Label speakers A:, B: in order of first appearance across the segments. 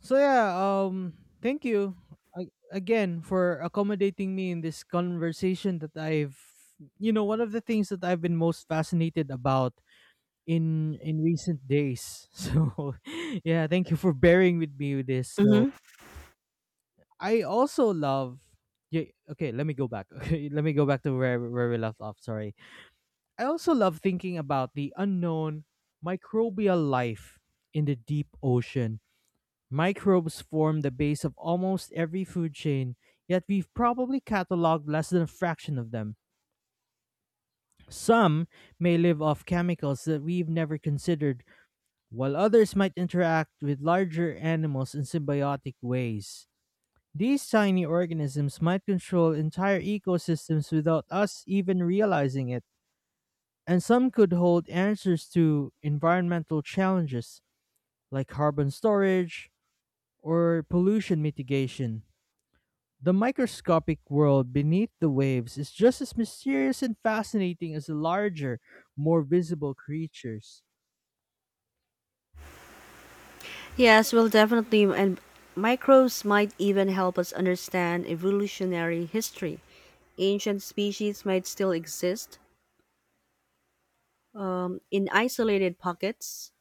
A: So thank you again for accommodating me in this conversation that I've one of the things that I've been most fascinated about in recent days. So yeah, thank you for bearing with me with this. So
B: Mm-hmm.
A: I also love yeah, okay, let me go back. Okay, let me go back to where we left off. Sorry. I also love thinking about the unknown microbial life in the deep ocean. Microbes form the base of almost every food chain, yet we've probably cataloged less than a fraction of them. Some may live off chemicals that we've never considered, while others might interact with larger animals in symbiotic ways. These tiny organisms might control entire ecosystems without us even realizing it, and some could hold answers to environmental challenges like carbon storage or pollution mitigation. The microscopic world beneath the waves is just as mysterious and fascinating as the larger, more visible creatures.
B: Yes, well, definitely. And microbes might even help us understand evolutionary history. Ancient species might still exist in isolated pockets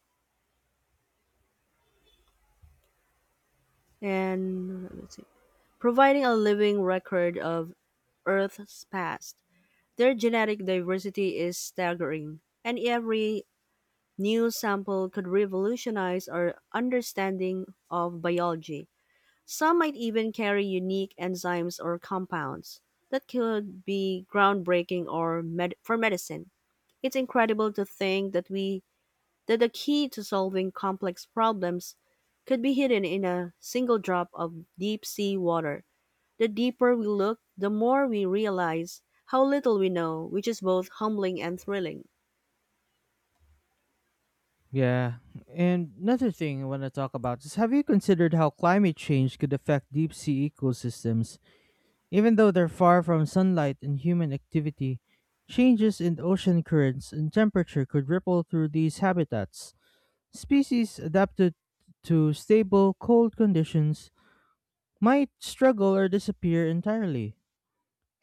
B: and let's see, providing a living record of Earth's past. Their genetic diversity is staggering, and every new sample could revolutionize our understanding of biology. Some might even carry unique enzymes or compounds that could be groundbreaking or for medicine. It's incredible to think that we that the key to solving complex problems could be hidden in a single drop of deep sea water. The deeper we look, the more we realize how little we know, which is both humbling and thrilling.
A: Yeah. And another thing I want to talk about is, have you considered how climate change could affect deep sea ecosystems? Even though they're far from sunlight and human activity, changes in ocean currents and temperature could ripple through these habitats. Species adapted to stable, cold conditions might struggle or disappear entirely.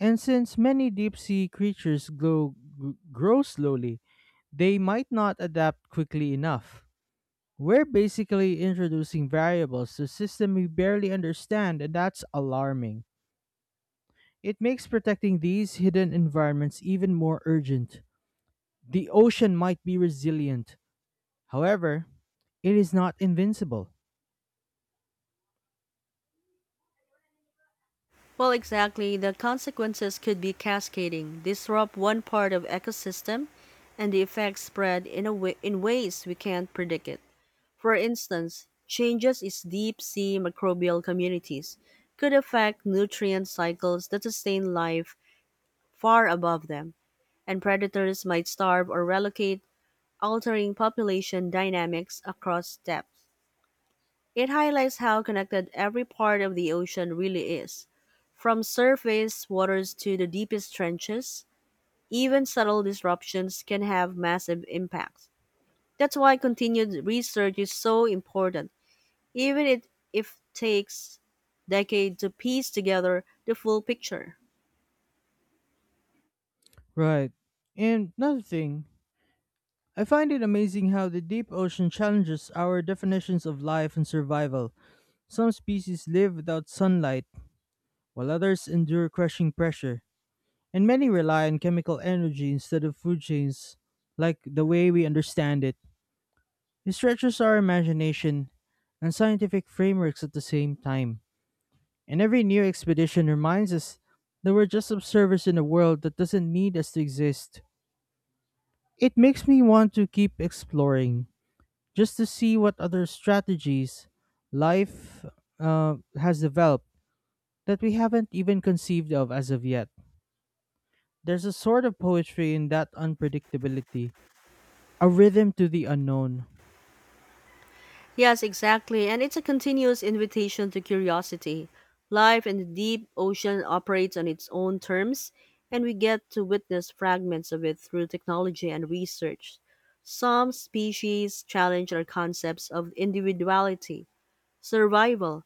A: And since many deep sea creatures grow slowly, they might not adapt quickly enough. We're basically introducing variables to a system we barely understand, and that's alarming. It makes protecting these hidden environments even more urgent. The ocean might be resilient, however, it is not invincible.
B: Well, exactly. The consequences could be cascading, disrupt one part of ecosystem, and the effects spread in ways we can't predict it. For instance, changes in deep sea microbial communities could affect nutrient cycles that sustain life far above them, and predators might starve or relocate, altering population dynamics across depth. It highlights how connected every part of the ocean really is, from surface waters to the deepest trenches. Even subtle disruptions can have massive impacts. That's why continued research is so important, even if it takes decades to piece together the full picture.
A: Right. And another thing, I find it amazing how the deep ocean challenges our definitions of life and survival. Some species live without sunlight, while others endure crushing pressure, and many rely on chemical energy instead of food chains, like the way we understand it. It stretches our imagination and scientific frameworks at the same time, and every new expedition reminds us that we're just observers in a world that doesn't need us to exist. It makes me want to keep exploring, just to see what other strategies life has developed that we haven't even conceived of as of yet. There's a sort of poetry in that unpredictability, a rhythm to the unknown.
B: Yes, exactly. And it's a continuous invitation to curiosity. Life in the deep ocean operates on its own terms, and we get to witness fragments of it through technology and research. Some species challenge our concepts of individuality, survival,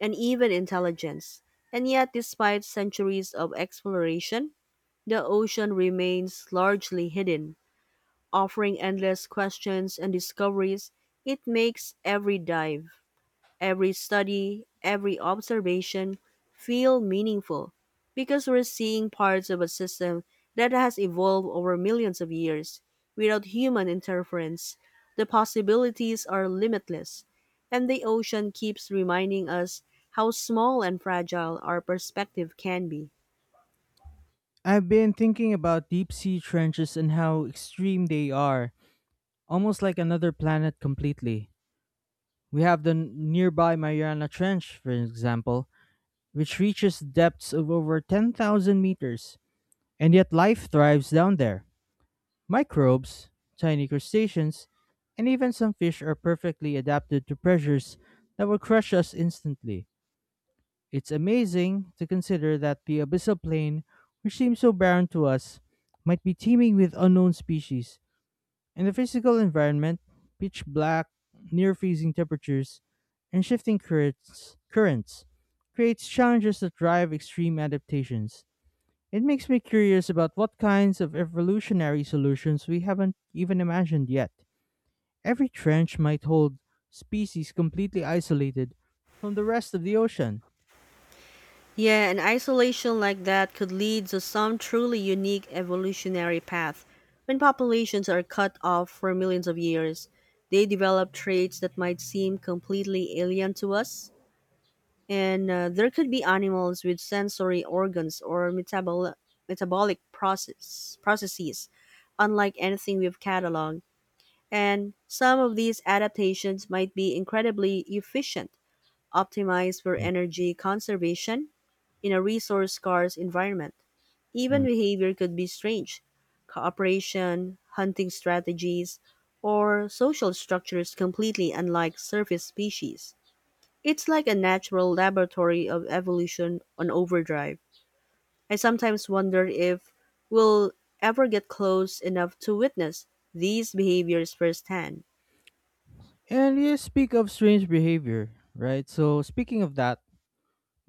B: and even intelligence. And yet, despite centuries of exploration, the ocean remains largely hidden, offering endless questions and discoveries. It makes every dive. Every study, every observation feel meaningful because we're seeing parts of a system that has evolved over millions of years without human interference. The possibilities are limitless, and the ocean keeps reminding us how small and fragile our perspective can be.
A: I've been thinking about deep sea trenches and how extreme they are, almost like another planet completely. We have the nearby Mariana Trench, for example, which reaches depths of over 10,000 meters, and yet life thrives down there. Microbes, tiny crustaceans, and even some fish are perfectly adapted to pressures that will crush us instantly. It's amazing to consider that the abyssal plain, which seems so barren to us, might be teeming with unknown species. And the physical environment, pitch black, near freezing temperatures, and shifting currents creates challenges that drive extreme adaptations. It makes me curious about what kinds of evolutionary solutions we haven't even imagined yet. Every trench might hold species completely isolated from the rest of the ocean.
B: Yeah, and isolation like that could lead to some truly unique evolutionary path. When populations are cut off for millions of years, they develop traits that might seem completely alien to us. And there could be animals with sensory organs or metabolic processes, unlike anything we've cataloged. And some of these adaptations might be incredibly efficient, optimized for
A: Mm,
B: energy conservation in a resource-scarce environment. Even
A: mm.
B: behavior could be strange. Cooperation, hunting strategies, or social structures completely unlike surface species. It's like a natural laboratory of evolution on overdrive. I sometimes wonder if we'll ever get close enough to witness these behaviors firsthand.
A: And you speak of strange behavior, right? So, speaking of that,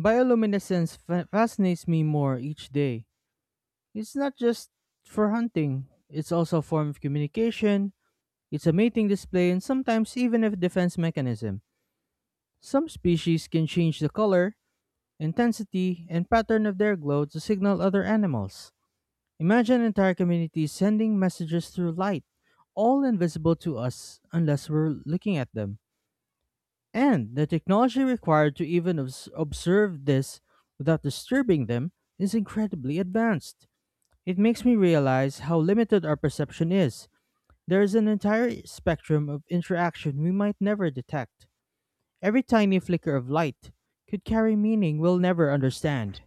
A: bioluminescence fascinates me more each day. It's not just for hunting, it's also a form of communication, it's a mating display, and sometimes even a defense mechanism. Some species can change the color, intensity, and pattern of their glow to signal other animals. Imagine entire communities sending messages through light, all invisible to us unless we're looking at them. And the technology required to even observe this without disturbing them is incredibly advanced. It makes me realize how limited our perception is. There is an entire spectrum of interaction we might never detect. Every tiny flicker of light could carry meaning we'll never understand.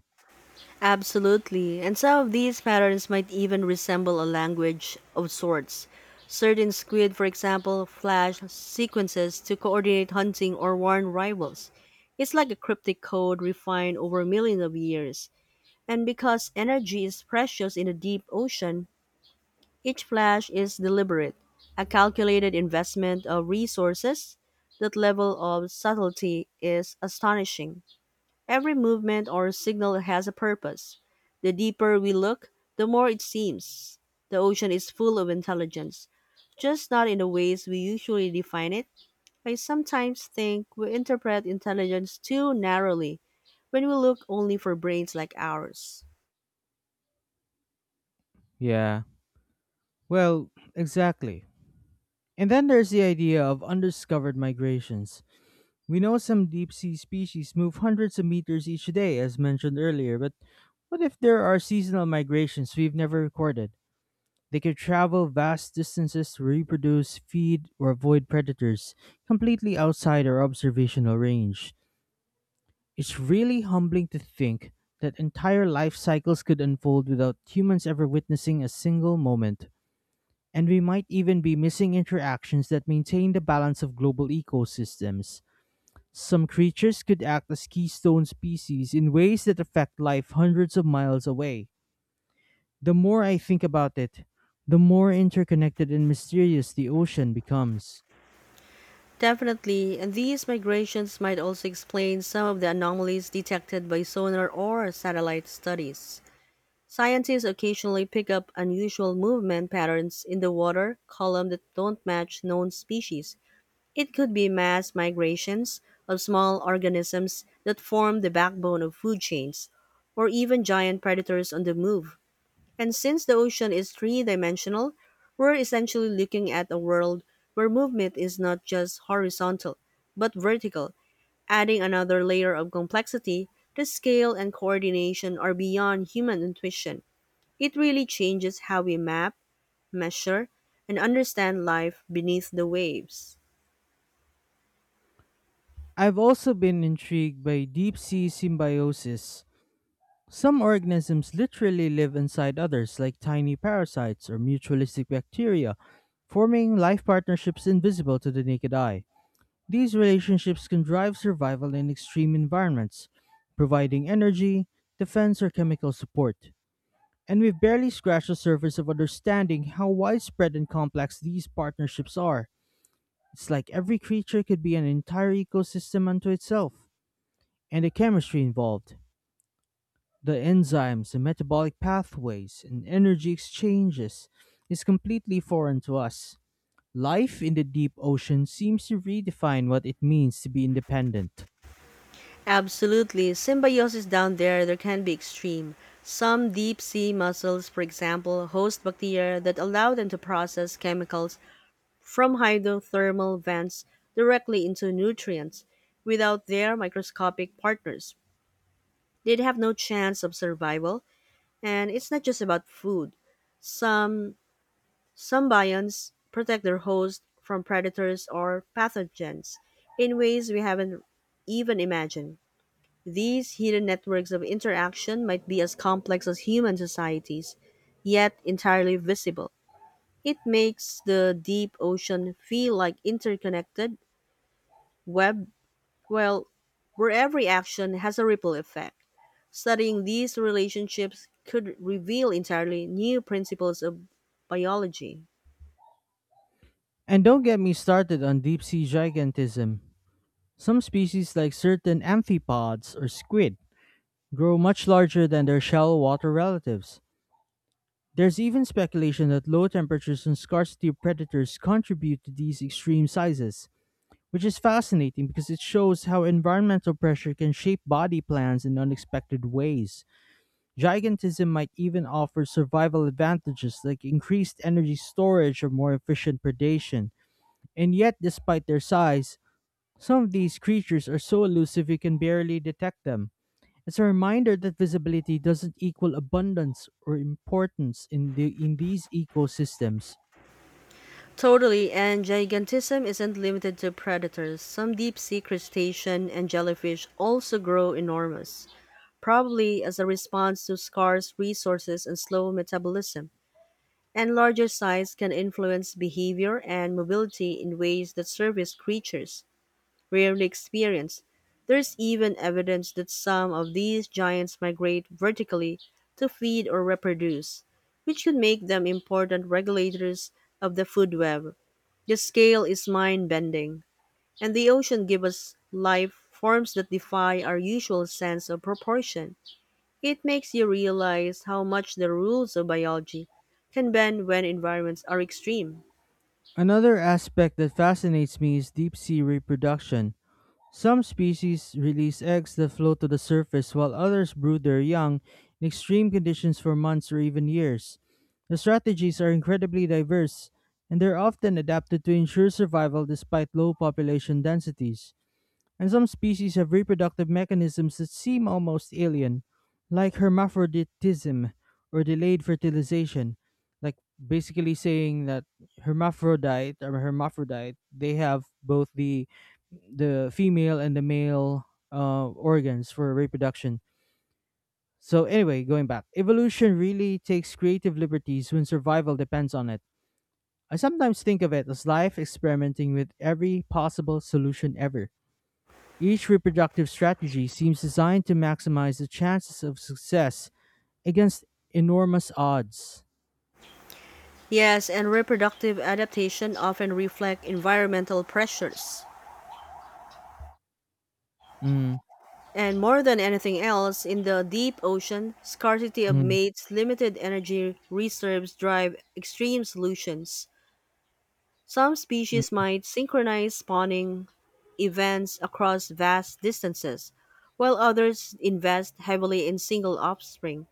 B: Absolutely. And some of these patterns might even resemble a language of sorts. Certain squid, for example, flash sequences to coordinate hunting or warn rivals. It's like a cryptic code refined over millions of years. And because energy is precious in the deep ocean, each flash is deliberate, a calculated investment of resources. That level of subtlety is astonishing. Every movement or signal has a purpose. The deeper we look, the more it seems. The ocean is full of intelligence, just not in the ways we usually define it. I sometimes think we interpret intelligence too narrowly when we look only for brains like ours.
A: Yeah. Well, exactly. And then there's the idea of undiscovered migrations. We know some deep sea species move hundreds of meters each day, as mentioned earlier, but what if there are seasonal migrations we've never recorded? They could travel vast distances to reproduce, feed, or avoid predators, completely outside our observational range. It's really humbling to think that entire life cycles could unfold without humans ever witnessing a single moment. And we might even be missing interactions that maintain the balance of global ecosystems. Some creatures could act as keystone species in ways that affect life hundreds of miles away. The more I think about it, the more interconnected and mysterious the ocean becomes.
B: Definitely, and these migrations might also explain some of the anomalies detected by sonar or satellite studies. Scientists occasionally pick up unusual movement patterns in the water column that don't match known species. It could be mass migrations of small organisms that form the backbone of food chains, or even giant predators on the move. And since the ocean is three dimensional, we're essentially looking at a world where movement is not just horizontal, but vertical, adding another layer of complexity. The scale and coordination are beyond human intuition. It really changes how we map, measure, and understand life beneath the waves.
A: I've also been intrigued by deep sea symbiosis. Some organisms literally live inside others, like tiny parasites or mutualistic bacteria, forming life partnerships invisible to the naked eye. These relationships can drive survival in extreme environments, providing energy, defense, or chemical support. And we've barely scratched the surface of understanding how widespread and complex these partnerships are. It's like every creature could be an entire ecosystem unto itself, and the chemistry involved, the enzymes, the metabolic pathways, and energy exchanges is completely foreign to us. Life in the deep ocean seems to redefine what it means to be independent.
B: Absolutely. Symbiosis down there, there can be extreme. Some deep sea mussels, for example, host bacteria that allow them to process chemicals from hydrothermal vents directly into nutrients. Without their microscopic partners, they'd have no chance of survival. And it's not just about food. Some Some bions protect their host from predators or pathogens in ways we haven't even imagined. These hidden networks of interaction might be as complex as human societies, yet entirely visible. It makes the deep ocean feel like interconnected web, well, where every action has a ripple effect. Studying these relationships could reveal entirely new principles of biology.
A: And don't get me started on deep sea gigantism. Some species, like certain amphipods or squid, grow much larger than their shallow water relatives. There's even speculation that low temperatures and scarcity of predators contribute to these extreme sizes, which is fascinating because it shows how environmental pressure can shape body plans in unexpected ways. Gigantism might even offer survival advantages like increased energy storage or more efficient predation. And yet, despite their size, some of these creatures are so elusive you can barely detect them. It's a reminder that visibility doesn't equal abundance or importance in these ecosystems.
B: Totally, and gigantism isn't limited to predators. Some deep sea crustacean and jellyfish also grow enormous, probably as a response to scarce resources and slow metabolism. And larger size can influence behavior and mobility in ways that surface creatures rarely experience. There's even evidence that some of these giants migrate vertically to feed or reproduce, which could make them important regulators of the food web. The scale is mind bending, and the ocean gives us life forms that defy our usual sense of proportion. It makes you realize how much the rules of biology can bend when environments are extreme.
A: Another aspect that fascinates me is deep sea reproduction. Some species release eggs that float to the surface, while others brood their young in extreme conditions for months or even years. The strategies are incredibly diverse, and they're often adapted to ensure survival despite low population densities, and some species have reproductive mechanisms that seem almost alien, like hermaphroditism or delayed fertilization. Like basically saying that hermaphrodite or hermaphrodite, they have both the female and the male organs for reproduction. So anyway, going back, evolution really takes creative liberties when survival depends on it. I sometimes think of it as life experimenting with every possible solution ever. Each reproductive strategy seems designed to maximize the chances of success against enormous odds.
B: Yes, and reproductive adaptation often reflect environmental pressures.
A: Mm,
B: And more than anything else, in the deep ocean, scarcity of
A: mm,
B: mates, limited energy reserves drive extreme solutions. Some
A: mm.
B: species might synchronize spawning events across vast distances, while others invest heavily in single offspring,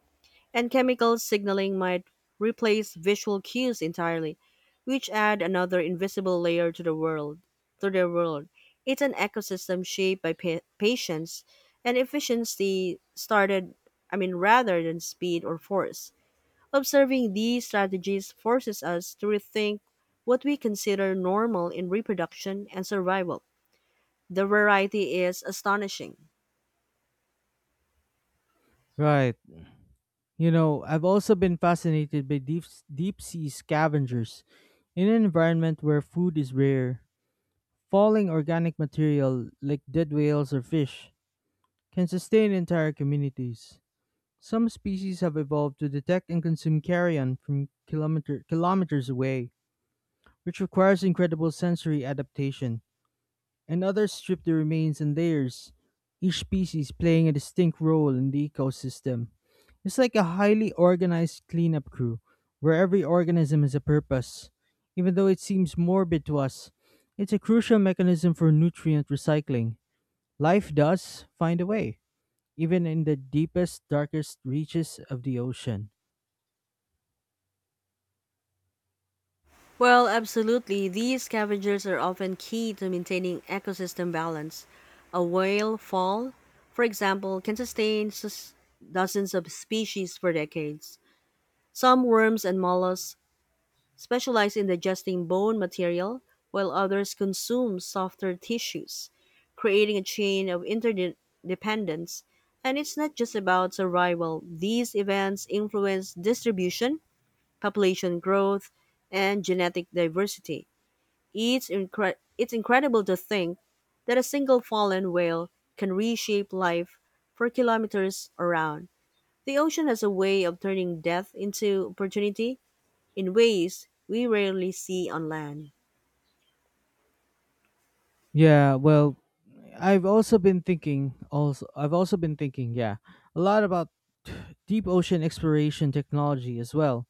B: and chemical signaling might replace visual cues entirely, which add another invisible layer to the world. To their world, it's an ecosystem shaped by patience and efficiency started I mean rather than speed or force. Observing these strategies forces us to rethink what we consider normal in reproduction and survival. The variety is astonishing.
A: Right. You know, I've also been fascinated by deep sea scavengers. In an environment where food is rare, falling organic material like dead whales or fish can sustain entire communities. Some species have evolved to detect and consume carrion from kilometers away, which requires incredible sensory adaptation, and others strip the remains in layers, each species playing a distinct role in the ecosystem. It's like a highly organized cleanup crew, where every organism has a purpose. Even though it seems morbid to us, it's a crucial mechanism for nutrient recycling. Life does find a way, even in the deepest, darkest reaches of the ocean.
B: Well, absolutely. These scavengers are often key to maintaining ecosystem balance. A whale fall, for example, can sustain dozens of species for decades. Some worms and mollusks specialize in digesting bone material, while others consume softer tissues, creating a chain of interdependence. And it's not just about survival, these events influence distribution population growth, and genetic diversity. It's incredible to think that a single fallen whale can reshape life for kilometers around. The ocean has a way of turning death into opportunity in ways we rarely see on land.
A: Yeah, well, I've also been thinking, yeah, a lot about deep ocean exploration technology as well.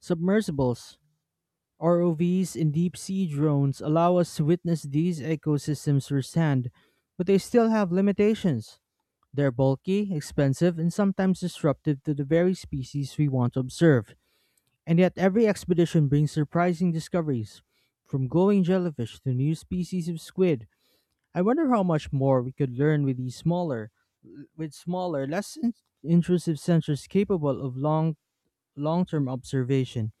A: Submersibles, ROVs and deep sea drones allow us to witness these ecosystems firsthand, but they still have limitations. They're bulky, expensive, and sometimes disruptive to the very species we want to observe. And yet, every expedition brings surprising discoveries, from glowing jellyfish to new species of squid. I wonder how much more we could learn with with smaller, intrusive sensors capable of long-term observation.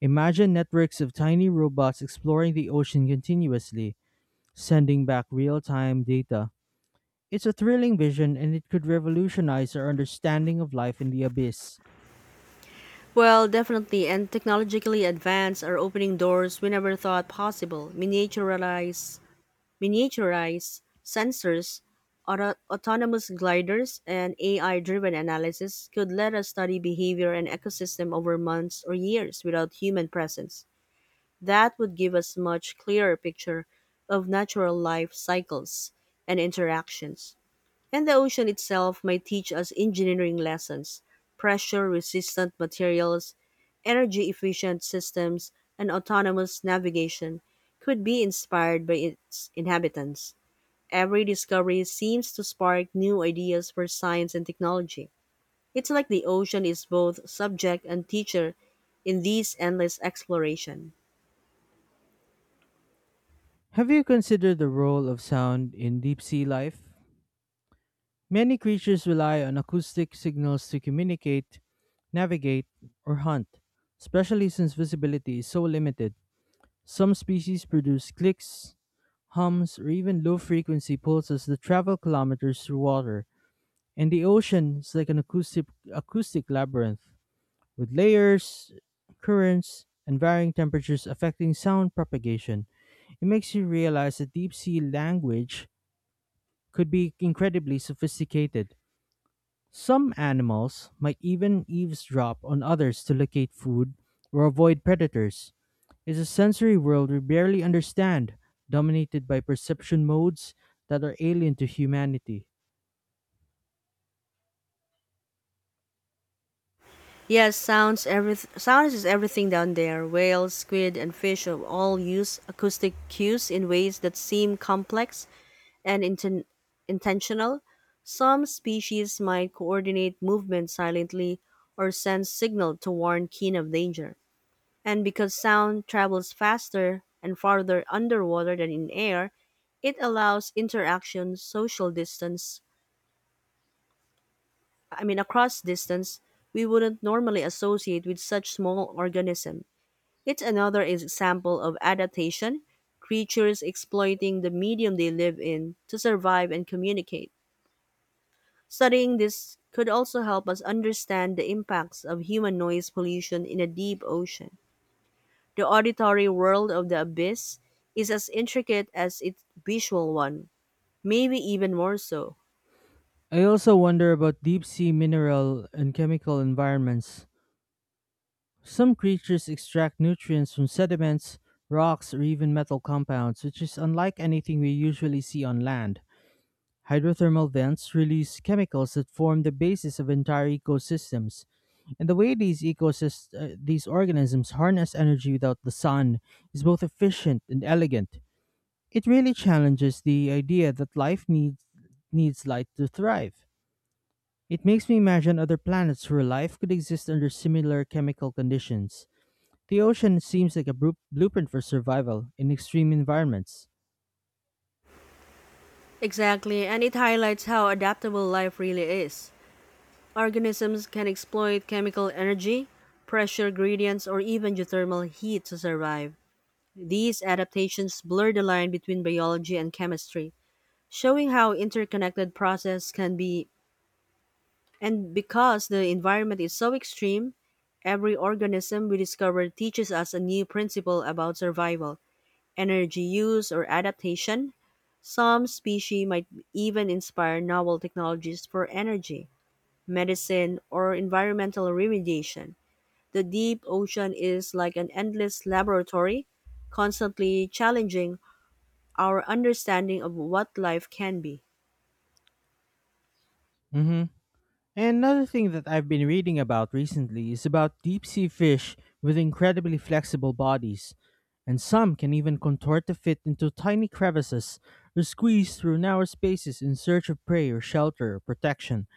A: Imagine networks of tiny robots exploring the ocean continuously, sending back real-time data. It's a thrilling vision and it could revolutionize our understanding of life in the abyss.
B: Well, definitely, and technologically advanced are opening doors we never thought possible. Miniaturized sensors, autonomous gliders, and AI driven analysis could let us study behavior and ecosystem over months or years without human presence. That would give us much clearer picture of natural life cycles and interactions. And the ocean itself might teach us engineering lessons, pressure resistant materials, energy efficient systems, and autonomous navigation could be inspired by its inhabitants. Every discovery seems to spark new ideas for science and technology. It's like the ocean is both subject and teacher in these endless exploration.
A: Have you considered the role of sound in deep sea life? Many creatures rely on acoustic signals to communicate, navigate, or hunt, especially since visibility is so limited. Some species produce clicks, hums, or even low frequency pulses that travel kilometers through water, and the ocean is like an acoustic labyrinth, with layers, currents, and varying temperatures affecting sound propagation. It makes you realize that deep sea language could be incredibly sophisticated. Some animals might even eavesdrop on others to locate food or avoid predators. It's a sensory world we barely understand, dominated by perception modes that are alien to humanity.
B: Yes, sounds every sounds is everything down there. Whales, squid, and fish of all use acoustic cues in ways that seem complex and intentional. Some species might coordinate movement silently or send signal to warn kin of danger. And because sound travels faster and farther underwater than in air, it allows interaction, social distance, I mean, across distance we wouldn't normally associate with such small organism. It's another example of adaptation, creatures exploiting the medium they live in to survive and communicate. Studying this could also help us understand the impacts of human noise pollution in a deep ocean. The auditory world of The Abyss is as intricate as its visual one, maybe even more so.
A: I also wonder about deep sea mineral and chemical environments. Some creatures extract nutrients from sediments, rocks, or even metal compounds, which is unlike anything we usually see on land. Hydrothermal vents release chemicals that form the basis of entire ecosystems. And the way these organisms harness energy without the sun is both efficient and elegant. It really challenges the idea that life needs light to thrive. It makes me imagine other planets where life could exist under similar chemical conditions. The ocean seems like a blueprint for survival in extreme environments.
B: Exactly, and it highlights how adaptable life really is. Organisms can exploit chemical energy, pressure gradients, or even geothermal heat to survive. These adaptations blur the line between biology and chemistry, showing how interconnected processes can be. And because the environment is so extreme, every organism we discover teaches us a new principle about survival, energy use, or adaptation. Some species might even inspire novel technologies for energy, medicine, or environmental remediation. The deep ocean is like an endless laboratory, constantly challenging our understanding of what life can be.
A: Mm-hmm. And another thing that I've been reading about recently is about deep sea fish with incredibly flexible bodies, and some can even contort to fit into tiny crevices or squeeze through narrow spaces in search of prey or shelter or protection,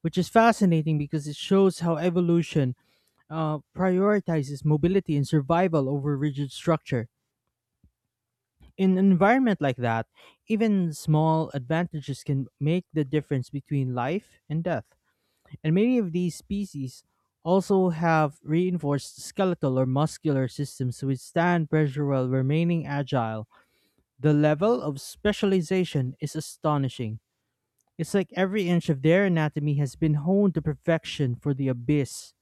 A: which is fascinating because it shows how evolution prioritizes mobility and survival over rigid structure. In an environment like that, even small advantages can make the difference between life and death, and many of these species also have reinforced skeletal or muscular systems to withstand pressure while remaining agile. The level of specialization is astonishing. It's like every inch of their anatomy has been honed to perfection for the abyss.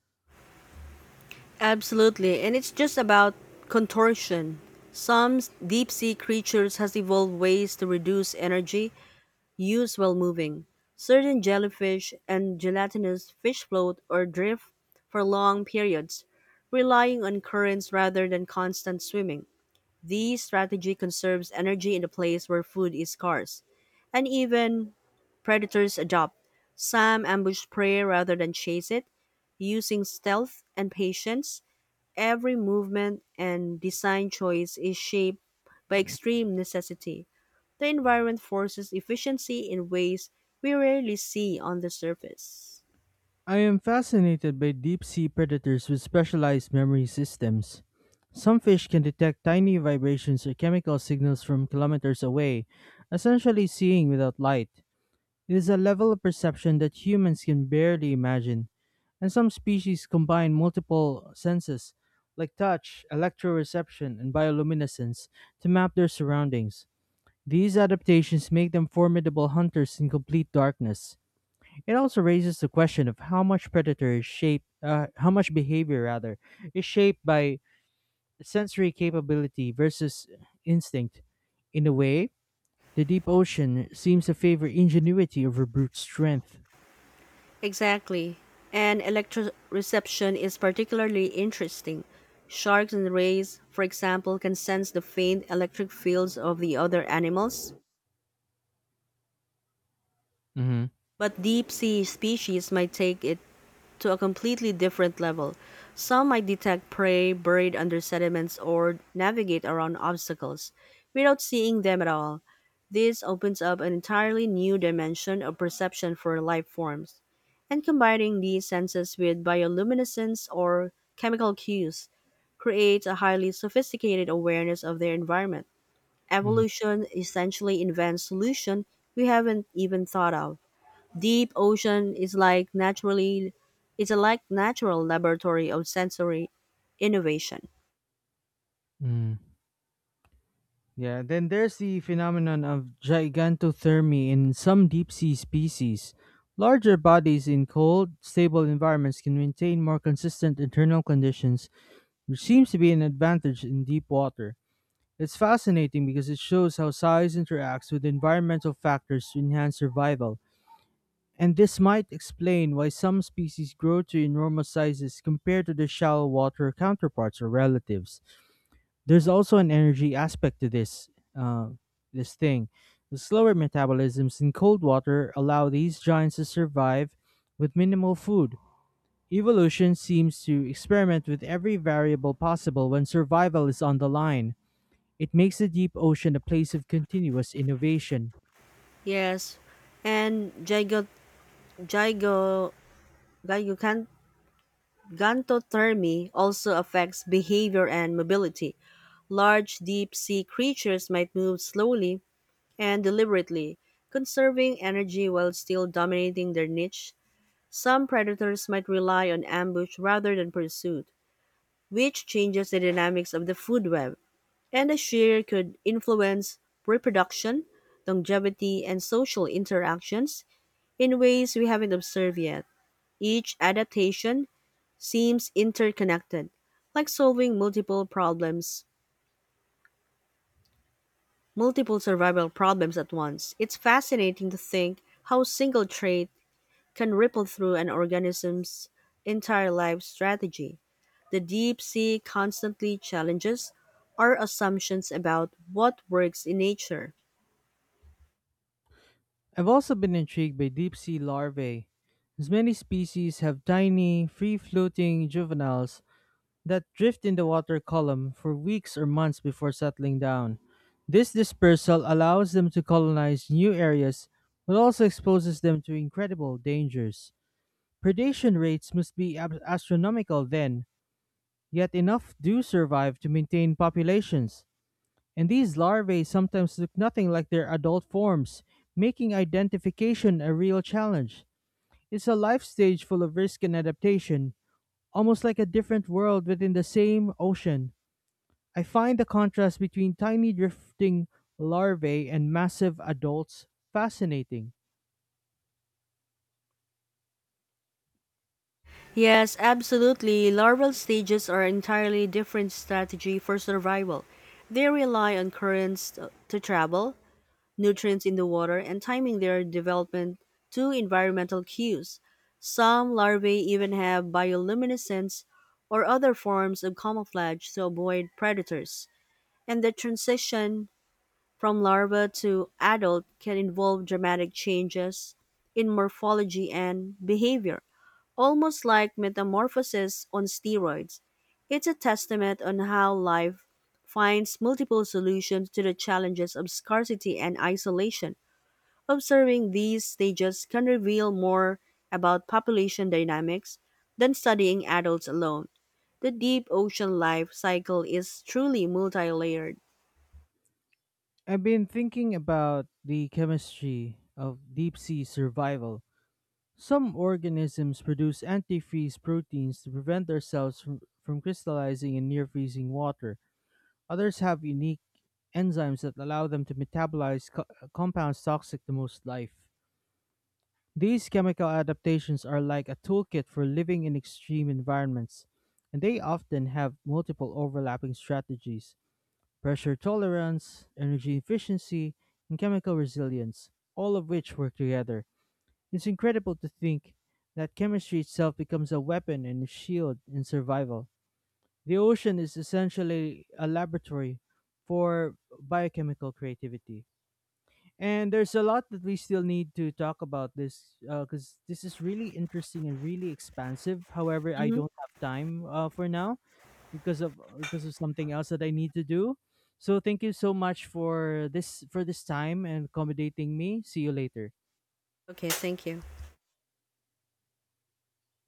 B: Absolutely, and it's just about contortion. Some deep sea creatures has evolved ways to reduce energy use while moving. Certain jellyfish and gelatinous fish float or drift for long periods, relying on currents rather than constant swimming. This strategy conserves energy in a place where food is scarce, and even predators adopt. Some ambush prey rather than chase it, using stealth and patience. Every movement and design choice is shaped by extreme necessity. The environment forces efficiency in ways we rarely see on the surface.
A: I am fascinated by deep sea predators with specialized memory systems. Some fish can detect tiny vibrations or chemical signals from kilometers away, essentially seeing without light. It is a level of perception that humans can barely imagine, and some species combine multiple senses, like touch, electroreception, and bioluminescence, to map their surroundings. These adaptations make them formidable hunters in complete darkness. It also raises the question of how much predator is shaped, how much behavior rather is shaped by sensory capability versus instinct. In a way, the deep ocean seems to favor ingenuity over brute strength.
B: Exactly. And electroreception is particularly interesting. Sharks and rays, for example, can sense the faint electric fields of the other animals,
A: Mhm,
B: but deep sea species might take it to a completely different level. Some might detect prey buried under sediments or navigate around obstacles without seeing them at all. This opens up an entirely new dimension of perception for life forms. And combining these senses with bioluminescence or chemical cues creates a highly sophisticated awareness of their environment.
A: mm,
B: Evolution essentially invents solutions we haven't even thought of. Deep Ocean is like naturally it's a like natural laboratory of sensory innovation.
A: mm. Yeah, then there's the phenomenon of gigantothermy in some deep sea species. Larger bodies in cold, stable environments can maintain more consistent internal conditions, which seems to be an advantage in deep water. It's fascinating because it shows how size interacts with environmental factors to enhance survival. And this might explain why some species grow to enormous sizes compared to their shallow water counterparts or relatives. There's also an energy aspect to uh, this thing. The slower metabolisms in cold water allow these giants to survive with minimal food. Evolution seems to experiment with every variable possible when survival is on the line. It makes the deep ocean a place of continuous innovation.
B: Yes. And gygo, gygocan- gigantothermy also affects behavior and mobility. Large deep sea creatures might move slowly and deliberately, conserving energy while still dominating their niche. Some predators might rely on ambush rather than pursuit, which changes the dynamics of the food web. And the shear could influence reproduction, longevity, and social interactions in ways we haven't observed yet. Each adaptation seems interconnected, like solving multiple survival problems at once. It's fascinating to think how a single trait can ripple through an organism's entire life strategy. The deep sea constantly challenges our assumptions about what works in nature.
A: I've also been intrigued by deep sea larvae. As many species have tiny, free floating juveniles that drift in the water column for weeks or months before settling down. This dispersal allows them to colonize new areas but also exposes them to incredible dangers. Predation rates must be astronomical then, yet enough do survive to maintain populations. And these larvae sometimes look nothing like their adult forms, making identification a real challenge. It's a life stage full of risk and adaptation, almost like a different world within the same ocean. I find the contrast between tiny drifting larvae and massive adults fascinating.
B: Yes, absolutely. Larval stages are entirely different strategy for survival. They rely on currents to travel, nutrients in the water, and timing their development to environmental cues. Some larvae even have bioluminescence or other forms of camouflage to avoid predators. And the transition from larva to adult can involve dramatic changes in morphology and behavior. Almost like metamorphosis on steroids, it's a testament on how life finds multiple solutions to the challenges of scarcity and isolation. Observing these stages can reveal more about population dynamics than studying adults alone. The deep ocean life cycle is truly multi layered.
A: I've been thinking about the chemistry of deep sea survival. Some organisms produce antifreeze proteins to prevent their cells from crystallizing in near freezing water. Others have unique enzymes that allow them to metabolize compounds toxic to most life. These chemical adaptations are like a toolkit for living in extreme environments, and they often have multiple overlapping strategies: pressure tolerance, energy efficiency, and chemical resilience, all of which work together. It's incredible to think that chemistry itself becomes a weapon and a shield in survival. The ocean is essentially a laboratory for biochemical creativity. And there's a lot that we still need to talk about this because this is really interesting and really expansive. However, I don't have time for now because of because of something else that I need to do. So thank you so much for this time and accommodating me. See you later.
B: Okay, thank you.